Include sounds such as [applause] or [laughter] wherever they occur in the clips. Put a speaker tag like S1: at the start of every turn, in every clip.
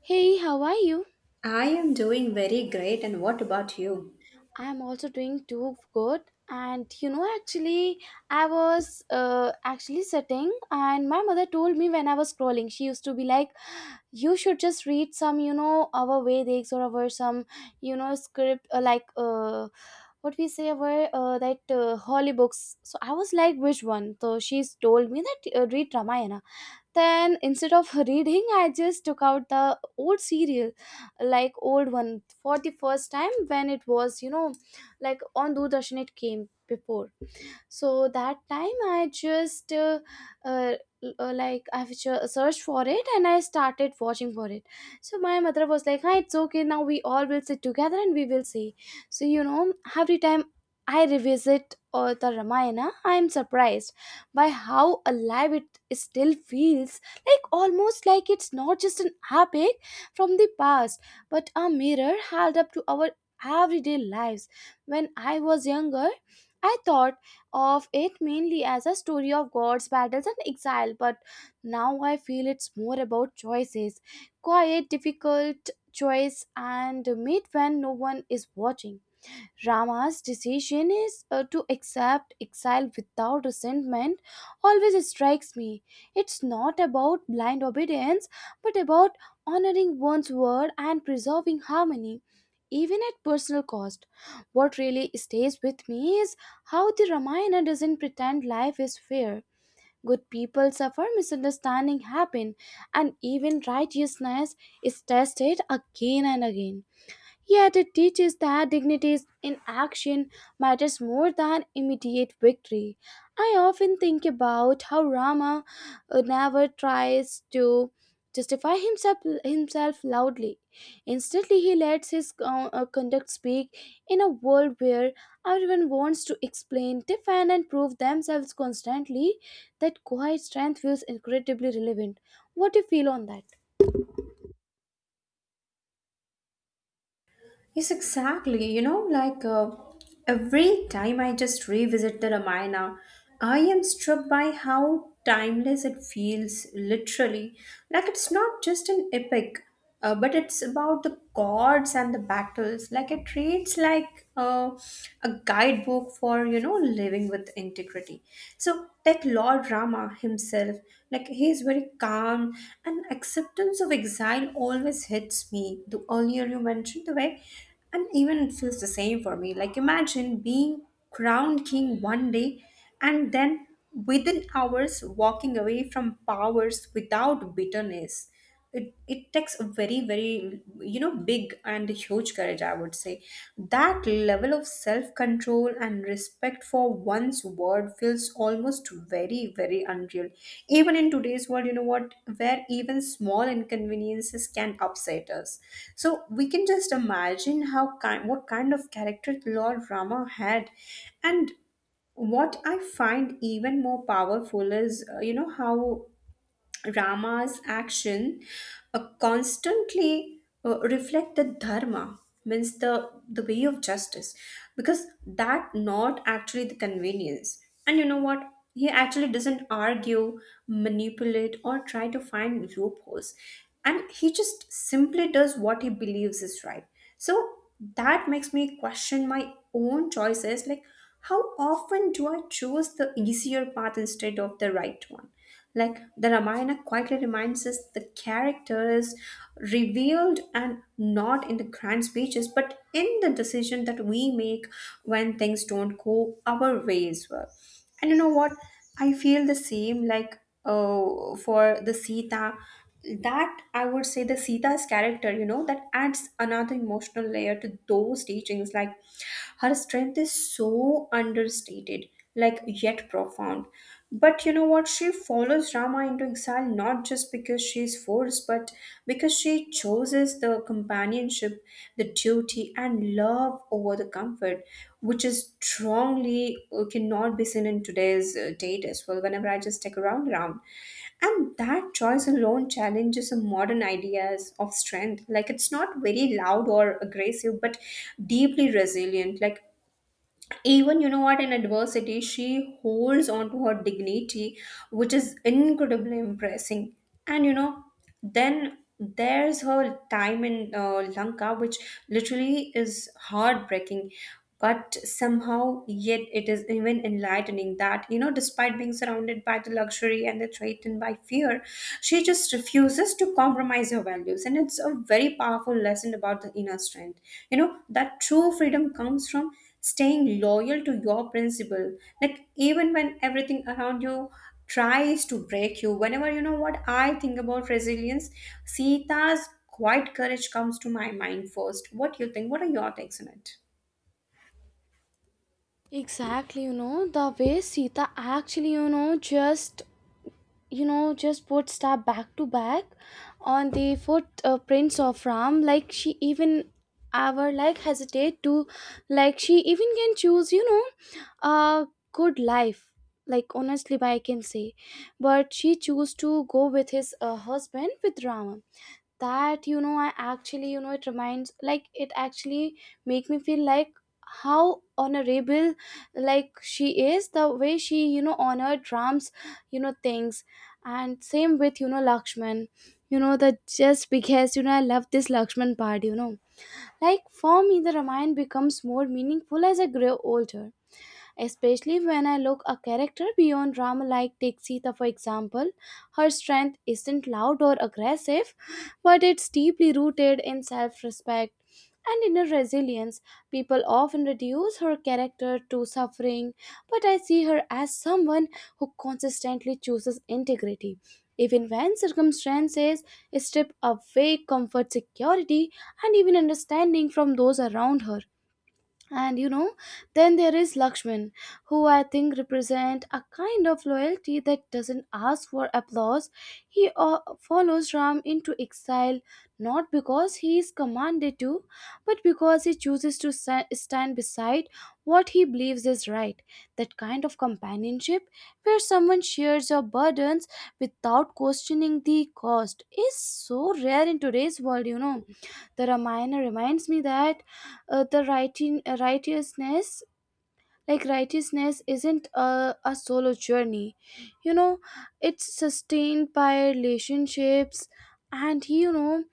S1: Hey, how are you?
S2: I am doing very great, and what about you?
S1: I'm also doing too good. And you know, actually, I was actually sitting, and my mother told me when I was scrolling, she used to be like, "You should just read some, you know, our Vedics or our some, you know, script what we say our that holy books." So I was like, "Which one?" So she's told me that read Ramayana. Then instead of reading, I just took out the old serial, like old one, for the first time when it was, you know, like on Doordarshan it came before. So that time I just uh, searched for it and I started watching for it. So my mother was like, "Hi, it's okay, now we all will sit together and we will see." So you know, every time I revisit the Ramayana, I'm surprised by how alive it still feels, like almost like it's not just an epic from the past, but a mirror held up to our everyday lives. When I was younger, I thought of it mainly as a story of gods, battles, and exile, but now I feel it's more about choices, quiet, difficult choice, and made when no one is watching. Rama's decision is to accept exile without resentment always strikes me. It's not about blind obedience, but about honoring one's word and preserving harmony, even at personal cost. What really stays with me is how the Ramayana doesn't pretend life is fair. Good people suffer, misunderstanding happen, and even righteousness is tested again and again. Yet it teaches that dignity in action matters more than immediate victory. I often think about how Rama never tries to justify himself loudly. Instantly, he lets his conduct speak in a world where everyone wants to explain, defend, and prove themselves constantly. That quiet strength feels incredibly relevant. What do you feel on that?
S2: Yes, exactly. You know, like every time I just revisit the Ramayana, I am struck by how timeless it feels, literally. Like it's not just an epic, but it's about the gods and the battles. Like it reads like a guidebook for, living with integrity. So like Lord Rama himself. Like he is very calm, and acceptance of exile always hits me. The earlier you mentioned the way, and even it feels the same for me. Like imagine being crowned king one day, and then within hours walking away from powers without bitterness. It takes a very, very big and huge courage, I would say. That level of self control and respect for one's word feels almost very, very unreal even in today's world, you know what, where even small inconveniences can upset us. So we can just imagine how kind what kind of character Lord Rama had. And what I find even more powerful is you know how Rama's action constantly reflect the dharma, means the way of justice, because that not actually the convenience. And you know what, he actually doesn't argue, manipulate, or try to find loopholes, and he just simply does what he believes is right. So that makes me question my own choices, like how often do I choose the easier path instead of the right one. Like the Ramayana quietly reminds us the character is revealed and not in the grand speeches, but in the decision that we make when things don't go our way as well. And you know what? I feel the same, like for the Sita. That, I would say, the Sita's character, that adds another emotional layer to those teachings, like her strength is so understated, like yet profound. But you know what, she follows Rama into exile not just because she's forced, but because she chooses the companionship, the duty and love over the comfort, which is strongly cannot be seen in today's date as well, whenever I just take around. And that choice alone challenges some modern ideas of strength. Like it's not very loud or aggressive, but deeply resilient. Like even you know what, in adversity she holds on to her dignity, which is incredibly impressing. And then there's her time in Lanka, which literally is heartbreaking, but somehow yet it is even enlightening, that despite being surrounded by the luxury and the threatened by fear, she just refuses to compromise her values. And it's a very powerful lesson about the inner strength, that true freedom comes from staying loyal to your principle, like even when everything around you tries to break you. Whenever you know what, I think about resilience, Sita's quiet courage comes to my mind first. What do you think? What are your takes on it?
S1: Exactly, you know, the way Sita actually, you know, just put star back to back on the footprints of Ram, like she even ever like hesitate to, like she even can choose, you know, a good life. Like honestly, I can say, but she chose to go with his husband with Rama. That you know I actually you know it reminds like it actually make me feel like how honorable, like she is, the way she you know honored drums, you know, things. And same with, you know, Lakshman, you know, the just because you know I love this Lakshman part, you know, like for me the Ramayana becomes more meaningful as I grow older, especially when I look a character beyond drama like Tixita, for example. Her strength isn't loud or aggressive, but it's deeply rooted in self respect and inner resilience. People often reduce her character to suffering, but I see her as someone who consistently chooses integrity, even when circumstances strip away comfort, security, and even understanding from those around her. And you know, then there is Lakshman, who I think represent a kind of loyalty that doesn't ask for applause. He follows Ram into exile not because he is commanded to, but because he chooses to stand beside what he believes is right. That kind of companionship, where someone shares your burdens without questioning the cost, is so rare in today's world, you know. The Ramayana reminds me that righteousness, like righteousness isn't a solo journey, you know, it's sustained by relationships, and you know,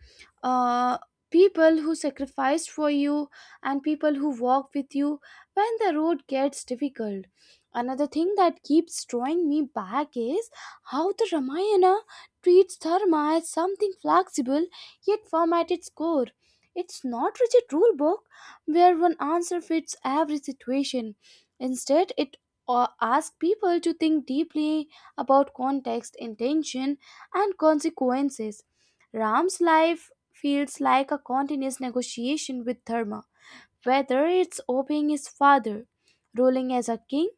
S1: uh, people who sacrificed for you and people who walk with you when the road gets difficult. Another thing that keeps drawing me back is how the Ramayana treats dharma as something flexible yet firm at its core. It's not rigid rule book where one answer fits every situation. Instead, it asks people to think deeply about context, intention, and consequences. Ram's life feels like a continuous negotiation with Dharma, whether it's obeying his father, ruling as a king,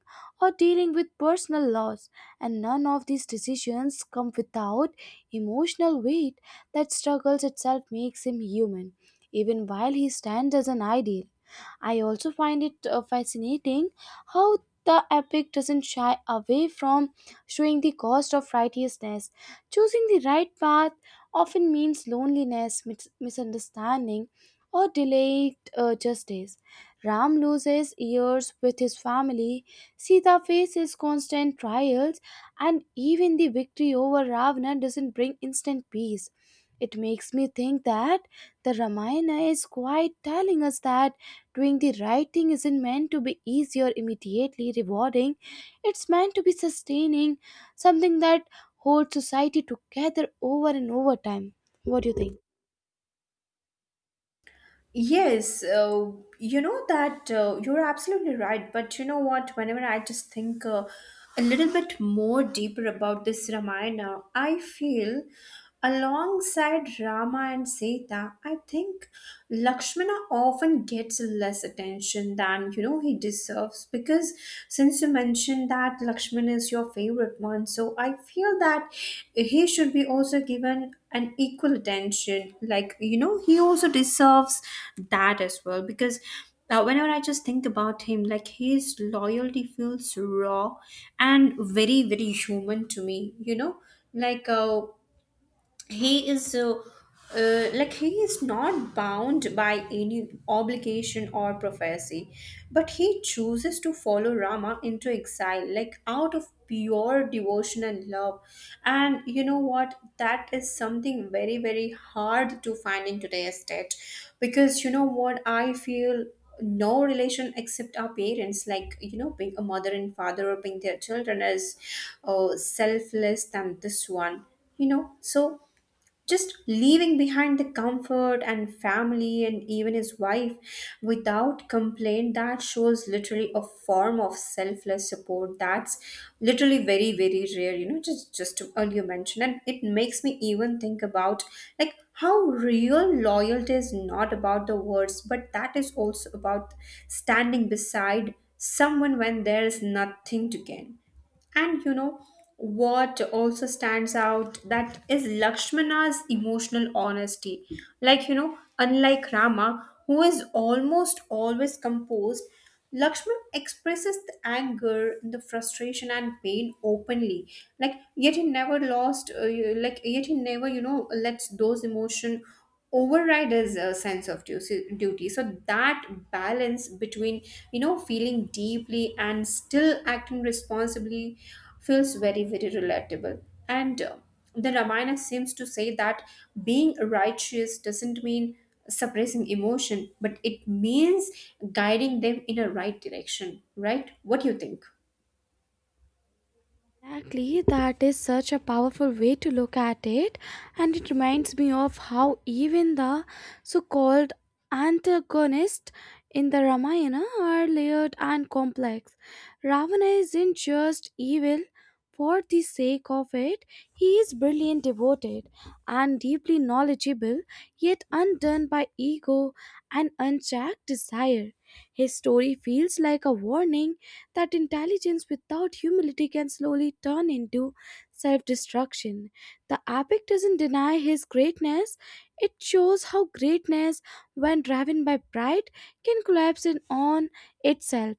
S1: or dealing with personal loss, and none of these decisions come without emotional weight. That struggles itself makes him human, even while he stands as an ideal. I also find it fascinating how the epic doesn't shy away from showing the cost of righteousness. Choosing the right path often means loneliness, misunderstanding, or delayed justice. Ram loses years with his family, Sita faces constant trials, and even the victory over Ravana doesn't bring instant peace. It makes me think that the Ramayana is quite telling us that doing the right thing isn't meant to be easy or immediately rewarding. It's meant to be sustaining, something that holds society together over and over time. What do you think?
S2: Yes, you know that you're absolutely right. But you know what? Whenever I just think a little bit more deeper about this Ramayana, I feel alongside Rama and Sita, I think Lakshmana often gets less attention than he deserves, because since you mentioned that Lakshman is your favorite one, so I feel that he should be also given an equal attention. Like, he also deserves that as well because. Whenever I just think about him, like his loyalty feels raw and very, very human to me. You know, like he is uh, he is not bound by any obligation or prophecy, but he chooses to follow Rama into exile, like out of pure devotion and love. And you know what, that is something very, very hard to find in today's state, because you know what, I feel no relation except our parents, like being a mother and father or being their children is selfless than this one, so just leaving behind the comfort and family and even his wife without complaint, that shows literally a form of selfless support that's literally very, very rare, just to earlier mention. And it makes me even think about, like, how real loyalty is not about the words, but that is also about standing beside someone when there is nothing to gain. And you know what also stands out, that is Lakshmana's emotional honesty. Like unlike Rama, who is almost always composed, Lakshman expresses the anger, the frustration and pain openly. Like yet he never lost. Like yet he never lets those emotion override is a sense of duty. So that balance between feeling deeply and still acting responsibly feels very, very relatable. And the Ramayana seems to say that being righteous doesn't mean suppressing emotion, but it means guiding them in a right direction, right? What do you think?
S1: Exactly, that is such a powerful way to look at it, and it reminds me of how even the so called antagonists in the Ramayana are layered and complex. Ravana isn't just evil for the sake of it, he is brilliant, devoted, and deeply knowledgeable, yet undone by ego and unchecked desire. His story feels like a warning that intelligence without humility can slowly turn into self destruction. The epic doesn't deny his greatness, it shows how greatness, when driven by pride, can collapse in on itself.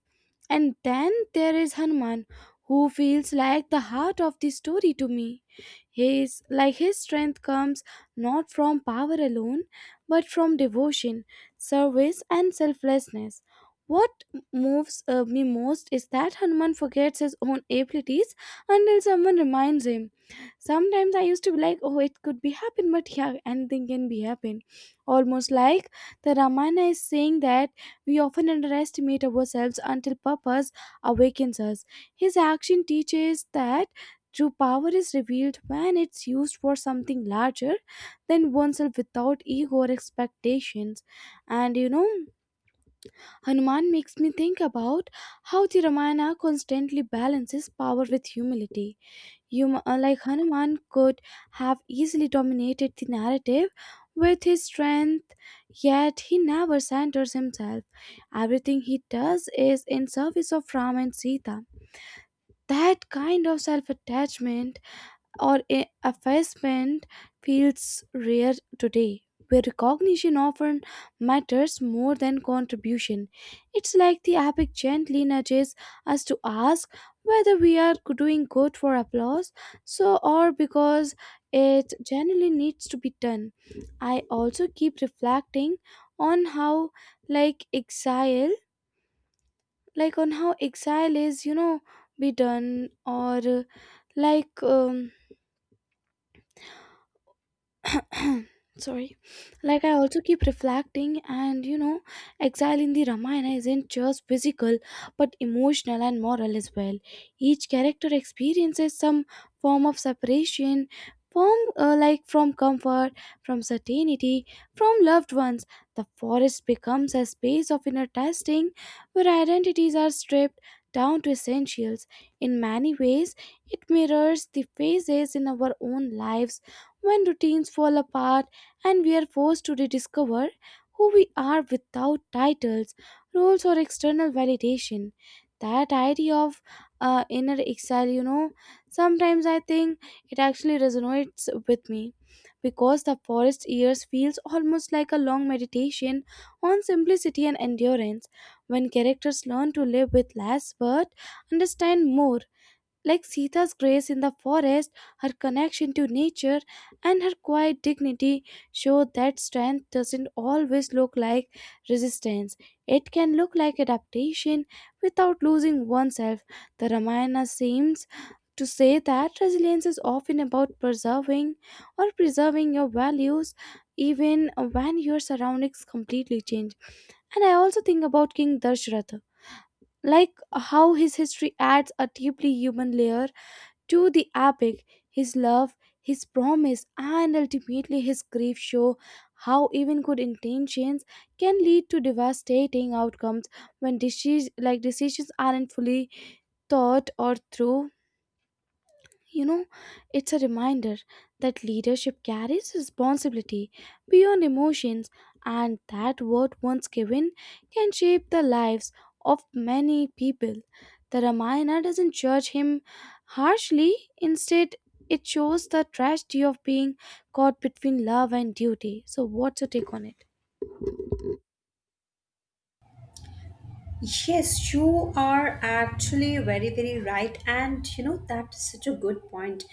S1: And then there is Hanuman, who feels like the heart of the story to me. His strength comes not from power alone, but from devotion, service, and selflessness. What moves me most is that Hanuman forgets his own abilities until someone reminds him. Sometimes I used to be like, oh, it could be happen, but yeah, anything can be happen. Almost like the Ramayana is saying that we often underestimate ourselves until purpose awakens us. His action teaches that true power is revealed when it's used for something larger than oneself without ego or expectations. And you know, Hanuman makes me think about how the Ramayana constantly balances power with humility. Hanuman could have easily dominated the narrative with his strength, yet he never centers himself. Everything he does is in service of Ram and Sita. That kind of self attachment or a effacement feels rare today, where recognition often matters more than contribution. It's like the epic gently nudges us to ask whether we are doing good for applause, so or because it generally needs to be done. I also keep reflecting on how, like exile, like on how exile is, you know, be done, or like [coughs] sorry, like I also keep reflecting, and you know, exile in the Ramayana isn't just physical, but emotional and moral as well. Each character experiences some form of separation from, like from comfort, from certainty, from loved ones. The forest becomes a space of inner testing where identities are stripped down to essentials. In many ways it mirrors the phases in our own lives when routines fall apart and we are forced to rediscover who we are without titles, roles, or external validation. That idea of inner exile, you know, sometimes I think it actually resonates with me because the forest years feels almost like a long meditation on simplicity and endurance, when characters learn to live with less but understand more. Like Sita's grace in the forest, her connection to nature, and her quiet dignity show that strength doesn't always look like resistance. It can look like adaptation without losing oneself. The Ramayana seems to say that resilience is often about preserving your values even when your surroundings completely change. And I also think about King Dashratha, like how his history adds a deeply human layer to the epic. His love, his promise, and ultimately his grief show how even good intentions can lead to devastating outcomes when decisions aren't fully thought or through. You know, it's a reminder that leadership carries responsibility beyond emotions, and that word once given can shape the lives of many people. The Ramayana doesn't judge him harshly, instead, it shows the tragedy of being caught between love and duty. So, what's your take on it?
S2: Yes, you are actually very, very right. And that is such a good point.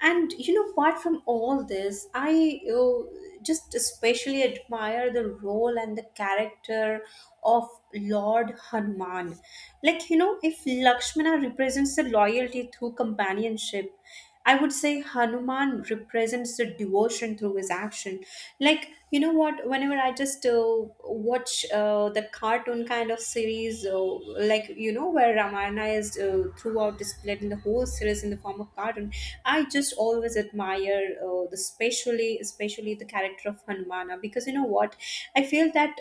S2: And apart from all this, I just especially admire the role and the character of Lord Hanuman. Like, if Lakshmana represents the loyalty through companionship, I would say Hanuman represents the devotion through his action. Like, you know what? Whenever I just watch the cartoon kind of series, like, where Ramayana is throughout displayed in the whole series in the form of cartoon, I just always admire, the especially, especially the character of Hanumana, because you know what? I feel that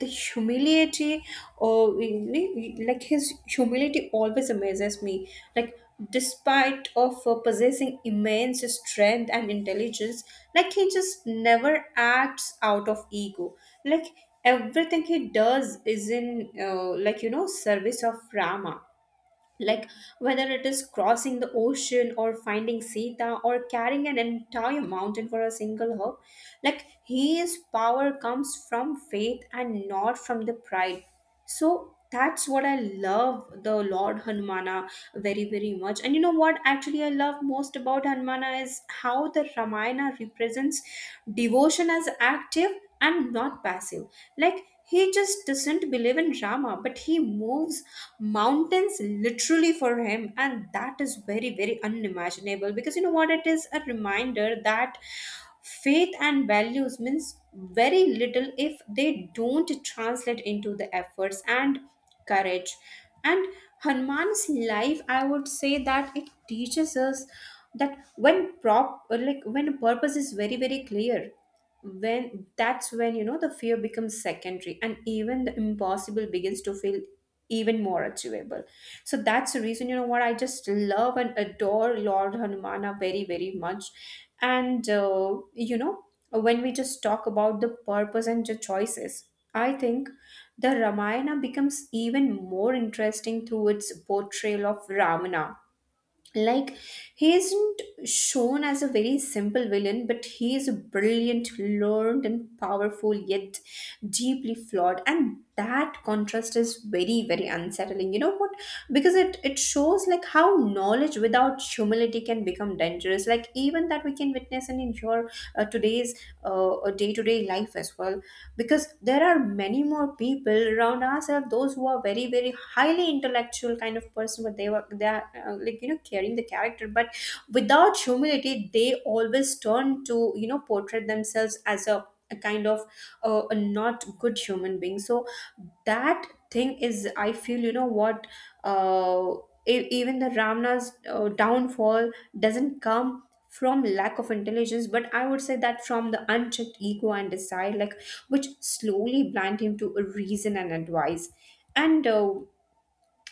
S2: the humility or like his humility always amazes me, like despite of possessing immense strength and intelligence, like he just never acts out of ego, like everything he does is in like service of Rama, like whether it is crossing the ocean or finding Sita or carrying an entire mountain for a single hope, like his power comes from faith and not from the pride. So that's what I love the Lord Hanumana very, very much. And you know what, actually, I love most about Hanumana is how the Ramayana represents devotion as active and not passive. Like he just doesn't believe in Rama, but he moves mountains literally for him, and that is very, very unimaginable, because you know what? It is a reminder that faith and values means very little if they don't translate into the efforts and courage. And Hanuman's life, I would say, that it teaches us that when prop like when purpose is very, very clear, when that's when the fear becomes secondary and even the impossible begins to feel even more achievable. So that's the reason, you know what, I just love and adore Lord Hanumana very, very much. And when we just talk about the purpose and the choices, I think the Ramayana becomes even more interesting through its portrayal of Ravana. Like he isn't shown as a very simple villain, but he is a brilliant, learned and powerful, yet deeply flawed, and that contrast is very, very unsettling, you know what? Because it shows like how knowledge without humility can become dangerous, like even that we can witness in your today's day-to-day life as well. Because there are many more people around ourselves, those who are very, very highly intellectual kind of person, but they are like carrying the character, but without humility, they always turn to portray themselves as a kind of a not good human being. So that thing is, I feel, you know what, uh, even the Ramna's downfall doesn't come from lack of intelligence, but I would say that from the unchecked ego and desire, like which slowly blind him to reason and advice. And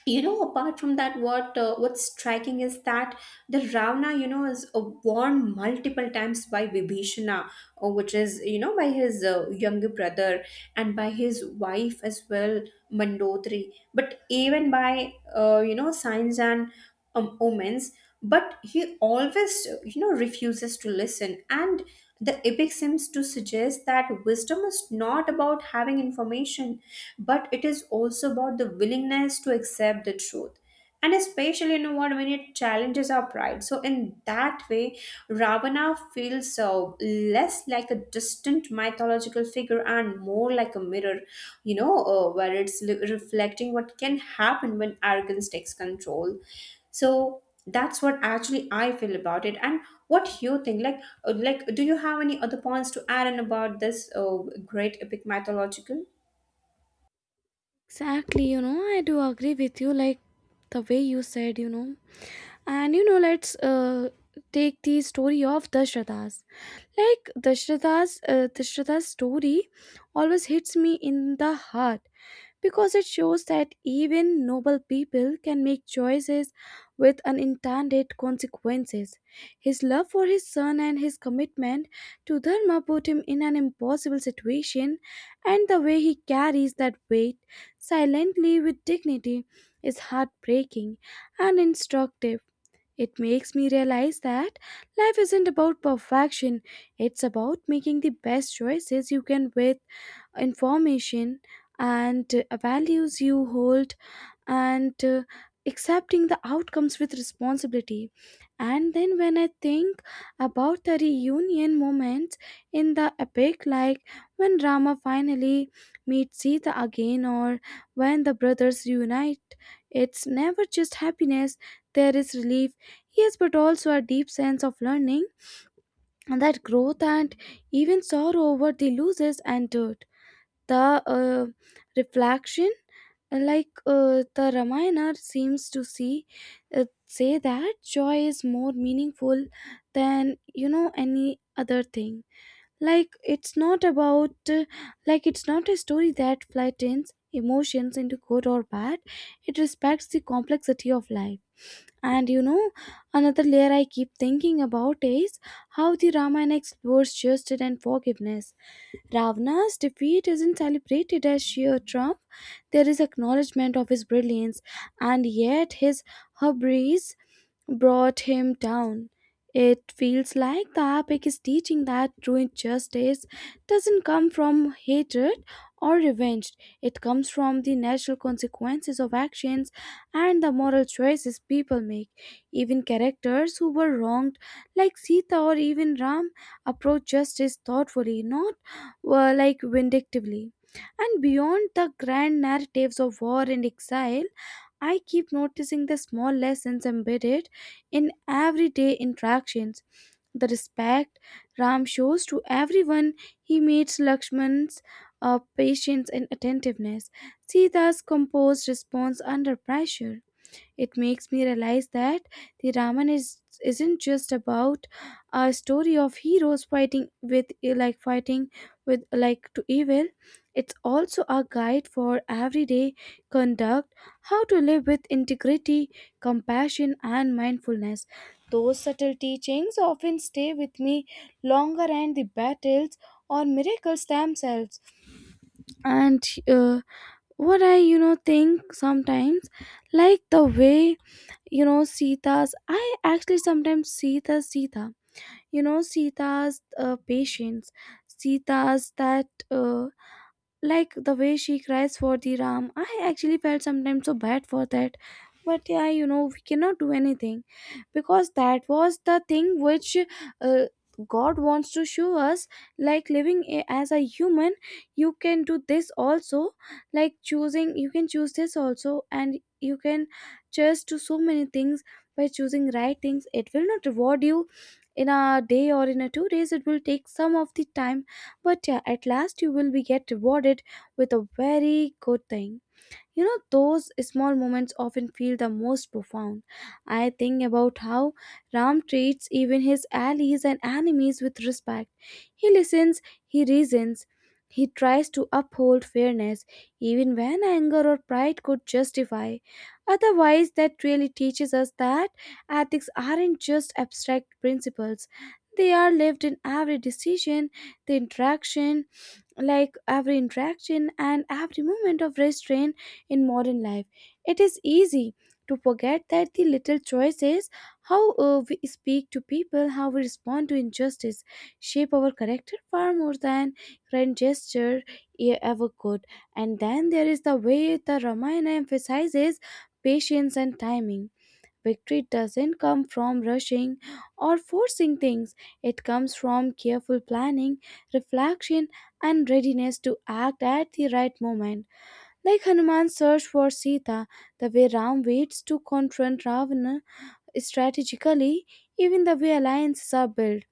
S2: You know, apart from that, what's striking is that the ravana, you know, is warned multiple times by vibhishana, which is, you know, by his younger brother, and by his wife as well, mandotri, but even by you know, signs and omens. But he always you know, refuses to listen. And the epic seems to suggest that wisdom is not about having information, but it is also about the willingness to accept the truth, and especially, you know what, when it challenges our pride. So in that way, ravana feels less like a distant mythological figure and more like a mirror, you know, where it's reflecting what can happen when arrogance takes control. So that's what actually I feel about it. And what you think, like, like, do you have any other points to add in about this great epic mythological?
S1: Exactly, you know, I do agree with you. Like the way you said, you know, and you know, let's take the story of Dashrata's. Like Dashrata's story always hits me in the heart because it shows that even noble people can make choices with unintended consequences. His love for his son and his commitment to Dharma put him in an impossible situation, and the way he carries that weight silently with dignity is heartbreaking and instructive. It makes me realize that life isn't about perfection, it's about making the best choices you can with information and values you hold, and accepting the outcomes with responsibility. And then when I think about the reunion moments in the epic, like when Rama finally meets Sita again, or when the brothers reunite, it's never just happiness. There is relief, yes, but also a deep sense of learning. And that growth and even sorrow over the losses endured the uh, reflection, like the Ramayana seems to see say that joy is more meaningful than any other thing. Like it's not about like it's not a story that flattens emotions into good or bad. It respects the complexity of life. And another layer I keep thinking about is how the Ramayana explores justice and forgiveness. Ravana's defeat isn't celebrated as sheer triumph, there is acknowledgement of his brilliance, and yet his hubris brought him down. It feels like the epic is teaching that true justice doesn't come from hatred or revenge. It comes from the natural consequences of actions and the moral choices people make. Even characters who were wronged, like Sita or even Ram, approach justice thoughtfully, not like vindictively. And beyond the grand narratives of war and exile, I keep noticing the small lessons embedded in everyday interactions, the respect Ram shows to everyone he meets, Lakshman's patience and attentiveness, Sita's composed response under pressure. It makes me realize that the Raman is isn't just about a story of heroes fighting with like fighting to evil. It's also a guide for everyday conduct, how to live with integrity, compassion, and mindfulness. Those subtle teachings often stay with me longer than the battles or miracles themselves. And what I think sometimes, like the way Sita's, I actually sometimes see the Sita, Sita's patience, Sita's, that, like the way she cries for the Ram, I actually felt sometimes so bad for that. But yeah, we cannot do anything because that was the thing which uh, God wants to show us. Like living as a human, you can do this also. Like choosing you can choose this also, and you can just do so many things. By choosing right things, it will not reward you in a day or in a 2 days. It will take some of the time, but yeah, at last you will be get rewarded with a very good thing. Those small moments often feel the most profound. I think about how Ram treats even his allies and enemies with respect. He listens, he reasons, he tries to uphold fairness, even when anger or pride could justify otherwise. That really teaches us that ethics aren't just abstract principles. They are lived in every decision, the interaction, like every interaction and every moment of restraint in modern life. It is easy to forget that the little choices, how we speak to people, how we respond to injustice, shape our character far more than grand gesture ever could. And then there is the way the Ramayana emphasizes patience and timing. Victory doesn't come from rushing or forcing things, it comes from careful planning, reflection, and readiness to act at the right moment. Like Hanuman's search for Sita, the way Ram waits to confront Ravana strategically, even the way alliances are built.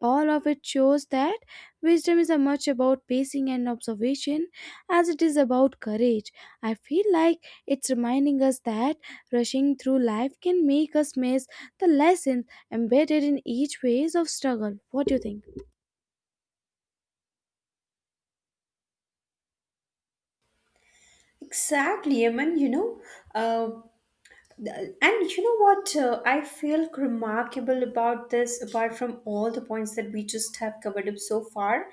S1: All of it shows that wisdom is as much about pacing and observation as it is about courage. I feel like it's reminding us that rushing through life can make us miss the lessons embedded in each phase of struggle. What do you think?
S2: Exactly, I you know, uh, th- and you know what, I feel remarkable about this, apart from all the points that we just have covered up so far,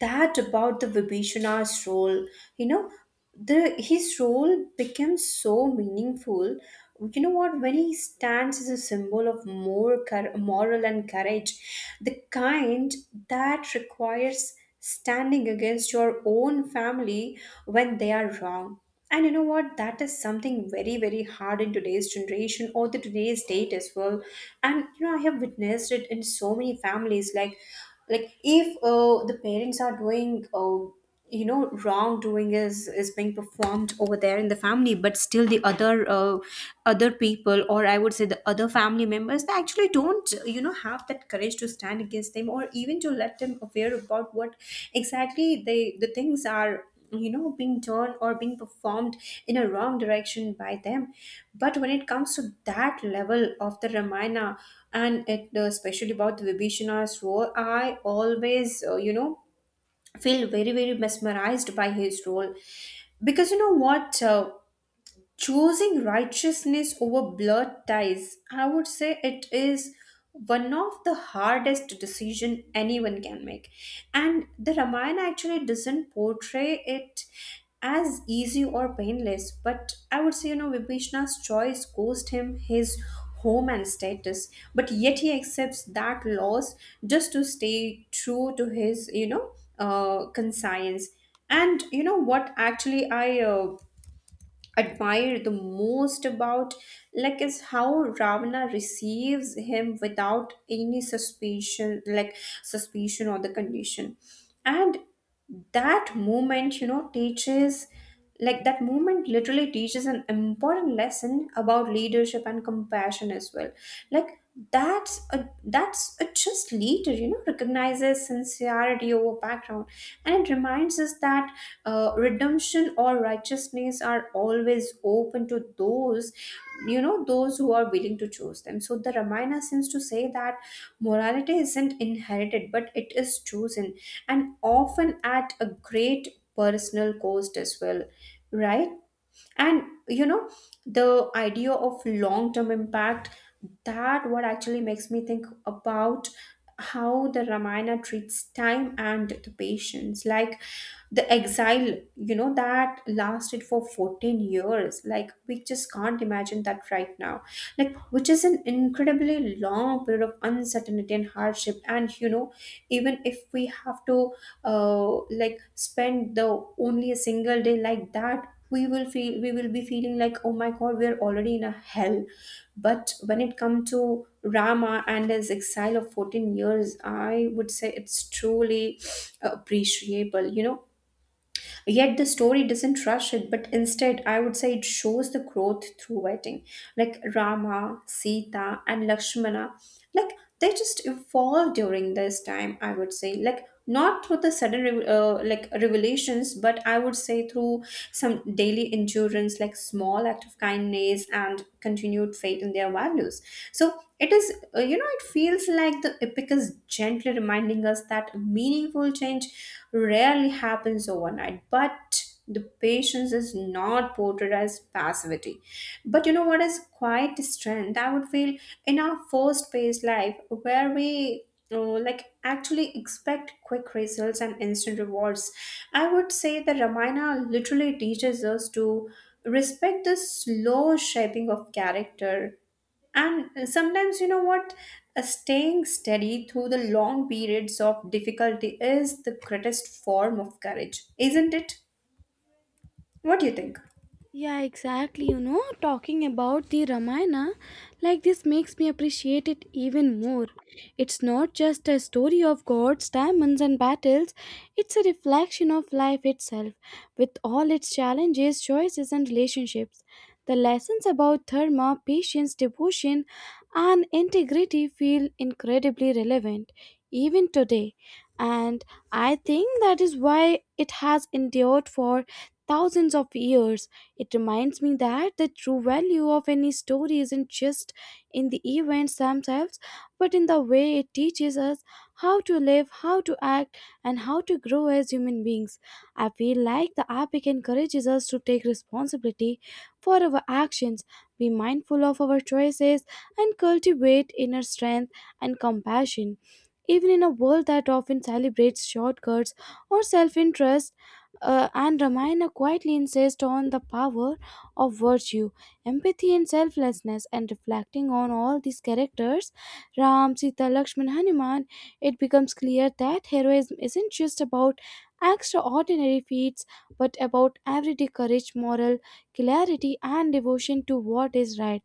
S2: that about the Vibhishana's role, you know, the his role becomes so meaningful. You know what? When he stands as a symbol of moral and courage, the kind that requires standing against your own family when they are wrong. And you know what? That is something very, very hard in today's generation or the today's date as well. And you know, I have witnessed it in so many families. Like, if the parents are doing, you know, wrongdoing is being performed over there in the family, but still the other other people, or I would say the other family members, they actually don't, you know, have that courage to stand against them, or even to let them aware about what exactly the things are, you know, being done or being performed in a wrong direction by them. But when it comes to that level of the ramayana, and it especially about the vibhishana's role, I always you know, feel very, very mesmerized by his role, because you know what, choosing righteousness over blood ties, I would say it is one of the hardest decision anyone can make. And the ramayana actually doesn't portray it as easy or painless, but I would say, you know, vibhishna's choice cost him his home and status, but yet he accepts that loss just to stay true to his, you know, conscience. And you know what, actually I admire the most about, like, is how ravana receives him without any suspicion, like suspicion or the condition. And that moment, you know, teaches, like that moment literally teaches an important lesson about leadership and compassion as well. Like, that's a just leader, you know, recognizes sincerity over background. And it reminds us that redemption or righteousness are always open to those, you know, those who are willing to choose them. So the ramayana seems to say that morality isn't inherited, but it is chosen, and often at a great personal cost as well, right? And you know, the idea of long term impact, that what actually makes me think about how the ramayana treats time and the patience, like the exile, you know, that lasted for 14 years, like we just can't imagine that right now, like which is an incredibly long period of uncertainty and hardship. And you know, even if we have to like spend the only a single day like that, we will feel we will be feeling like, oh my god, we are already in a hell. But when it comes to rama and his exile of 14 years, I would say it's truly appreciable, you know. Yet the story doesn't rush it, but instead, I would say it shows the growth through waiting. Like Rama, Sita, and Lakshmana, like they just evolve during this time. I would say, like, not through the like revelations, but I would say through some daily endurance, like small act of kindness and continued faith in their values. So it is, you know, it feels like the epic is gently gently reminding us that meaningful change rarely happens overnight. But the patience is not portrayed as passivity. But you know what is quite strength? I would feel in our first paced life where we like actually expect quick results and instant rewards. I would say the Ramayana literally teaches us to respect the slow shaping of character. And sometimes, you know what? Staying steady through the long periods of difficulty is the greatest form of courage, isn't it? What do you think?
S1: Yeah, exactly. You know, talking about the Ramayana, like this makes me appreciate it even more. It's not just a story of gods, diamonds, and battles, it's a reflection of life itself, with all its challenges, choices, and relationships. The lessons about dharma, patience, devotion, and integrity feel incredibly relevant, even today. And I think that is why it has endured for thousands of years. It reminds me that the true value of any story isn't just in the events themselves, but in the way it teaches us how to live, how to act, and how to grow as human beings. I feel like the epic encourages us to take responsibility for our actions, be mindful of our choices, and cultivate inner strength and compassion. Even in a world that often celebrates shortcuts or self interest, and Ramayana quietly insists on the power of virtue, empathy, and selflessness. And reflecting on all these characters, Ram, Sita, Lakshman, Hanuman, it becomes clear that heroism isn't just about extraordinary feats, but about everyday courage, moral clarity, and devotion to what is right.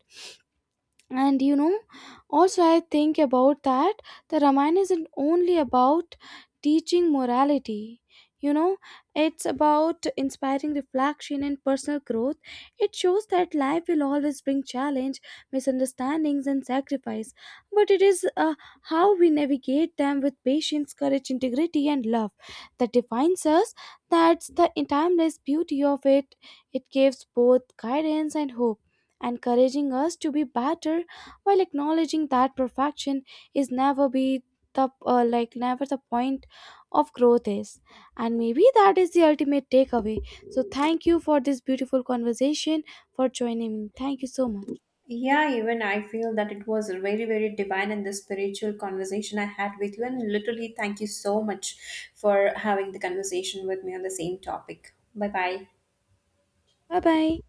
S1: And you know, also I think about that the Ramayana isn't only about teaching morality. You know, it's about inspiring reflection and personal growth. It shows that life will always bring challenge, misunderstandings, and sacrifice, but it is how we navigate them with patience, courage, integrity, and love that defines us. That's the timeless beauty of it. It gives both guidance and hope, encouraging us to be better while acknowledging that perfection is never be the, like, never the point. Of growth is, and maybe that is the ultimate takeaway. So thank you for this beautiful conversation, for joining me. Thank you so much.
S2: Yeah, even I feel that it was very, very divine in the spiritual conversation I had with you. And literally, thank you so much for having the conversation with me on the same topic. Bye bye.
S1: Bye bye.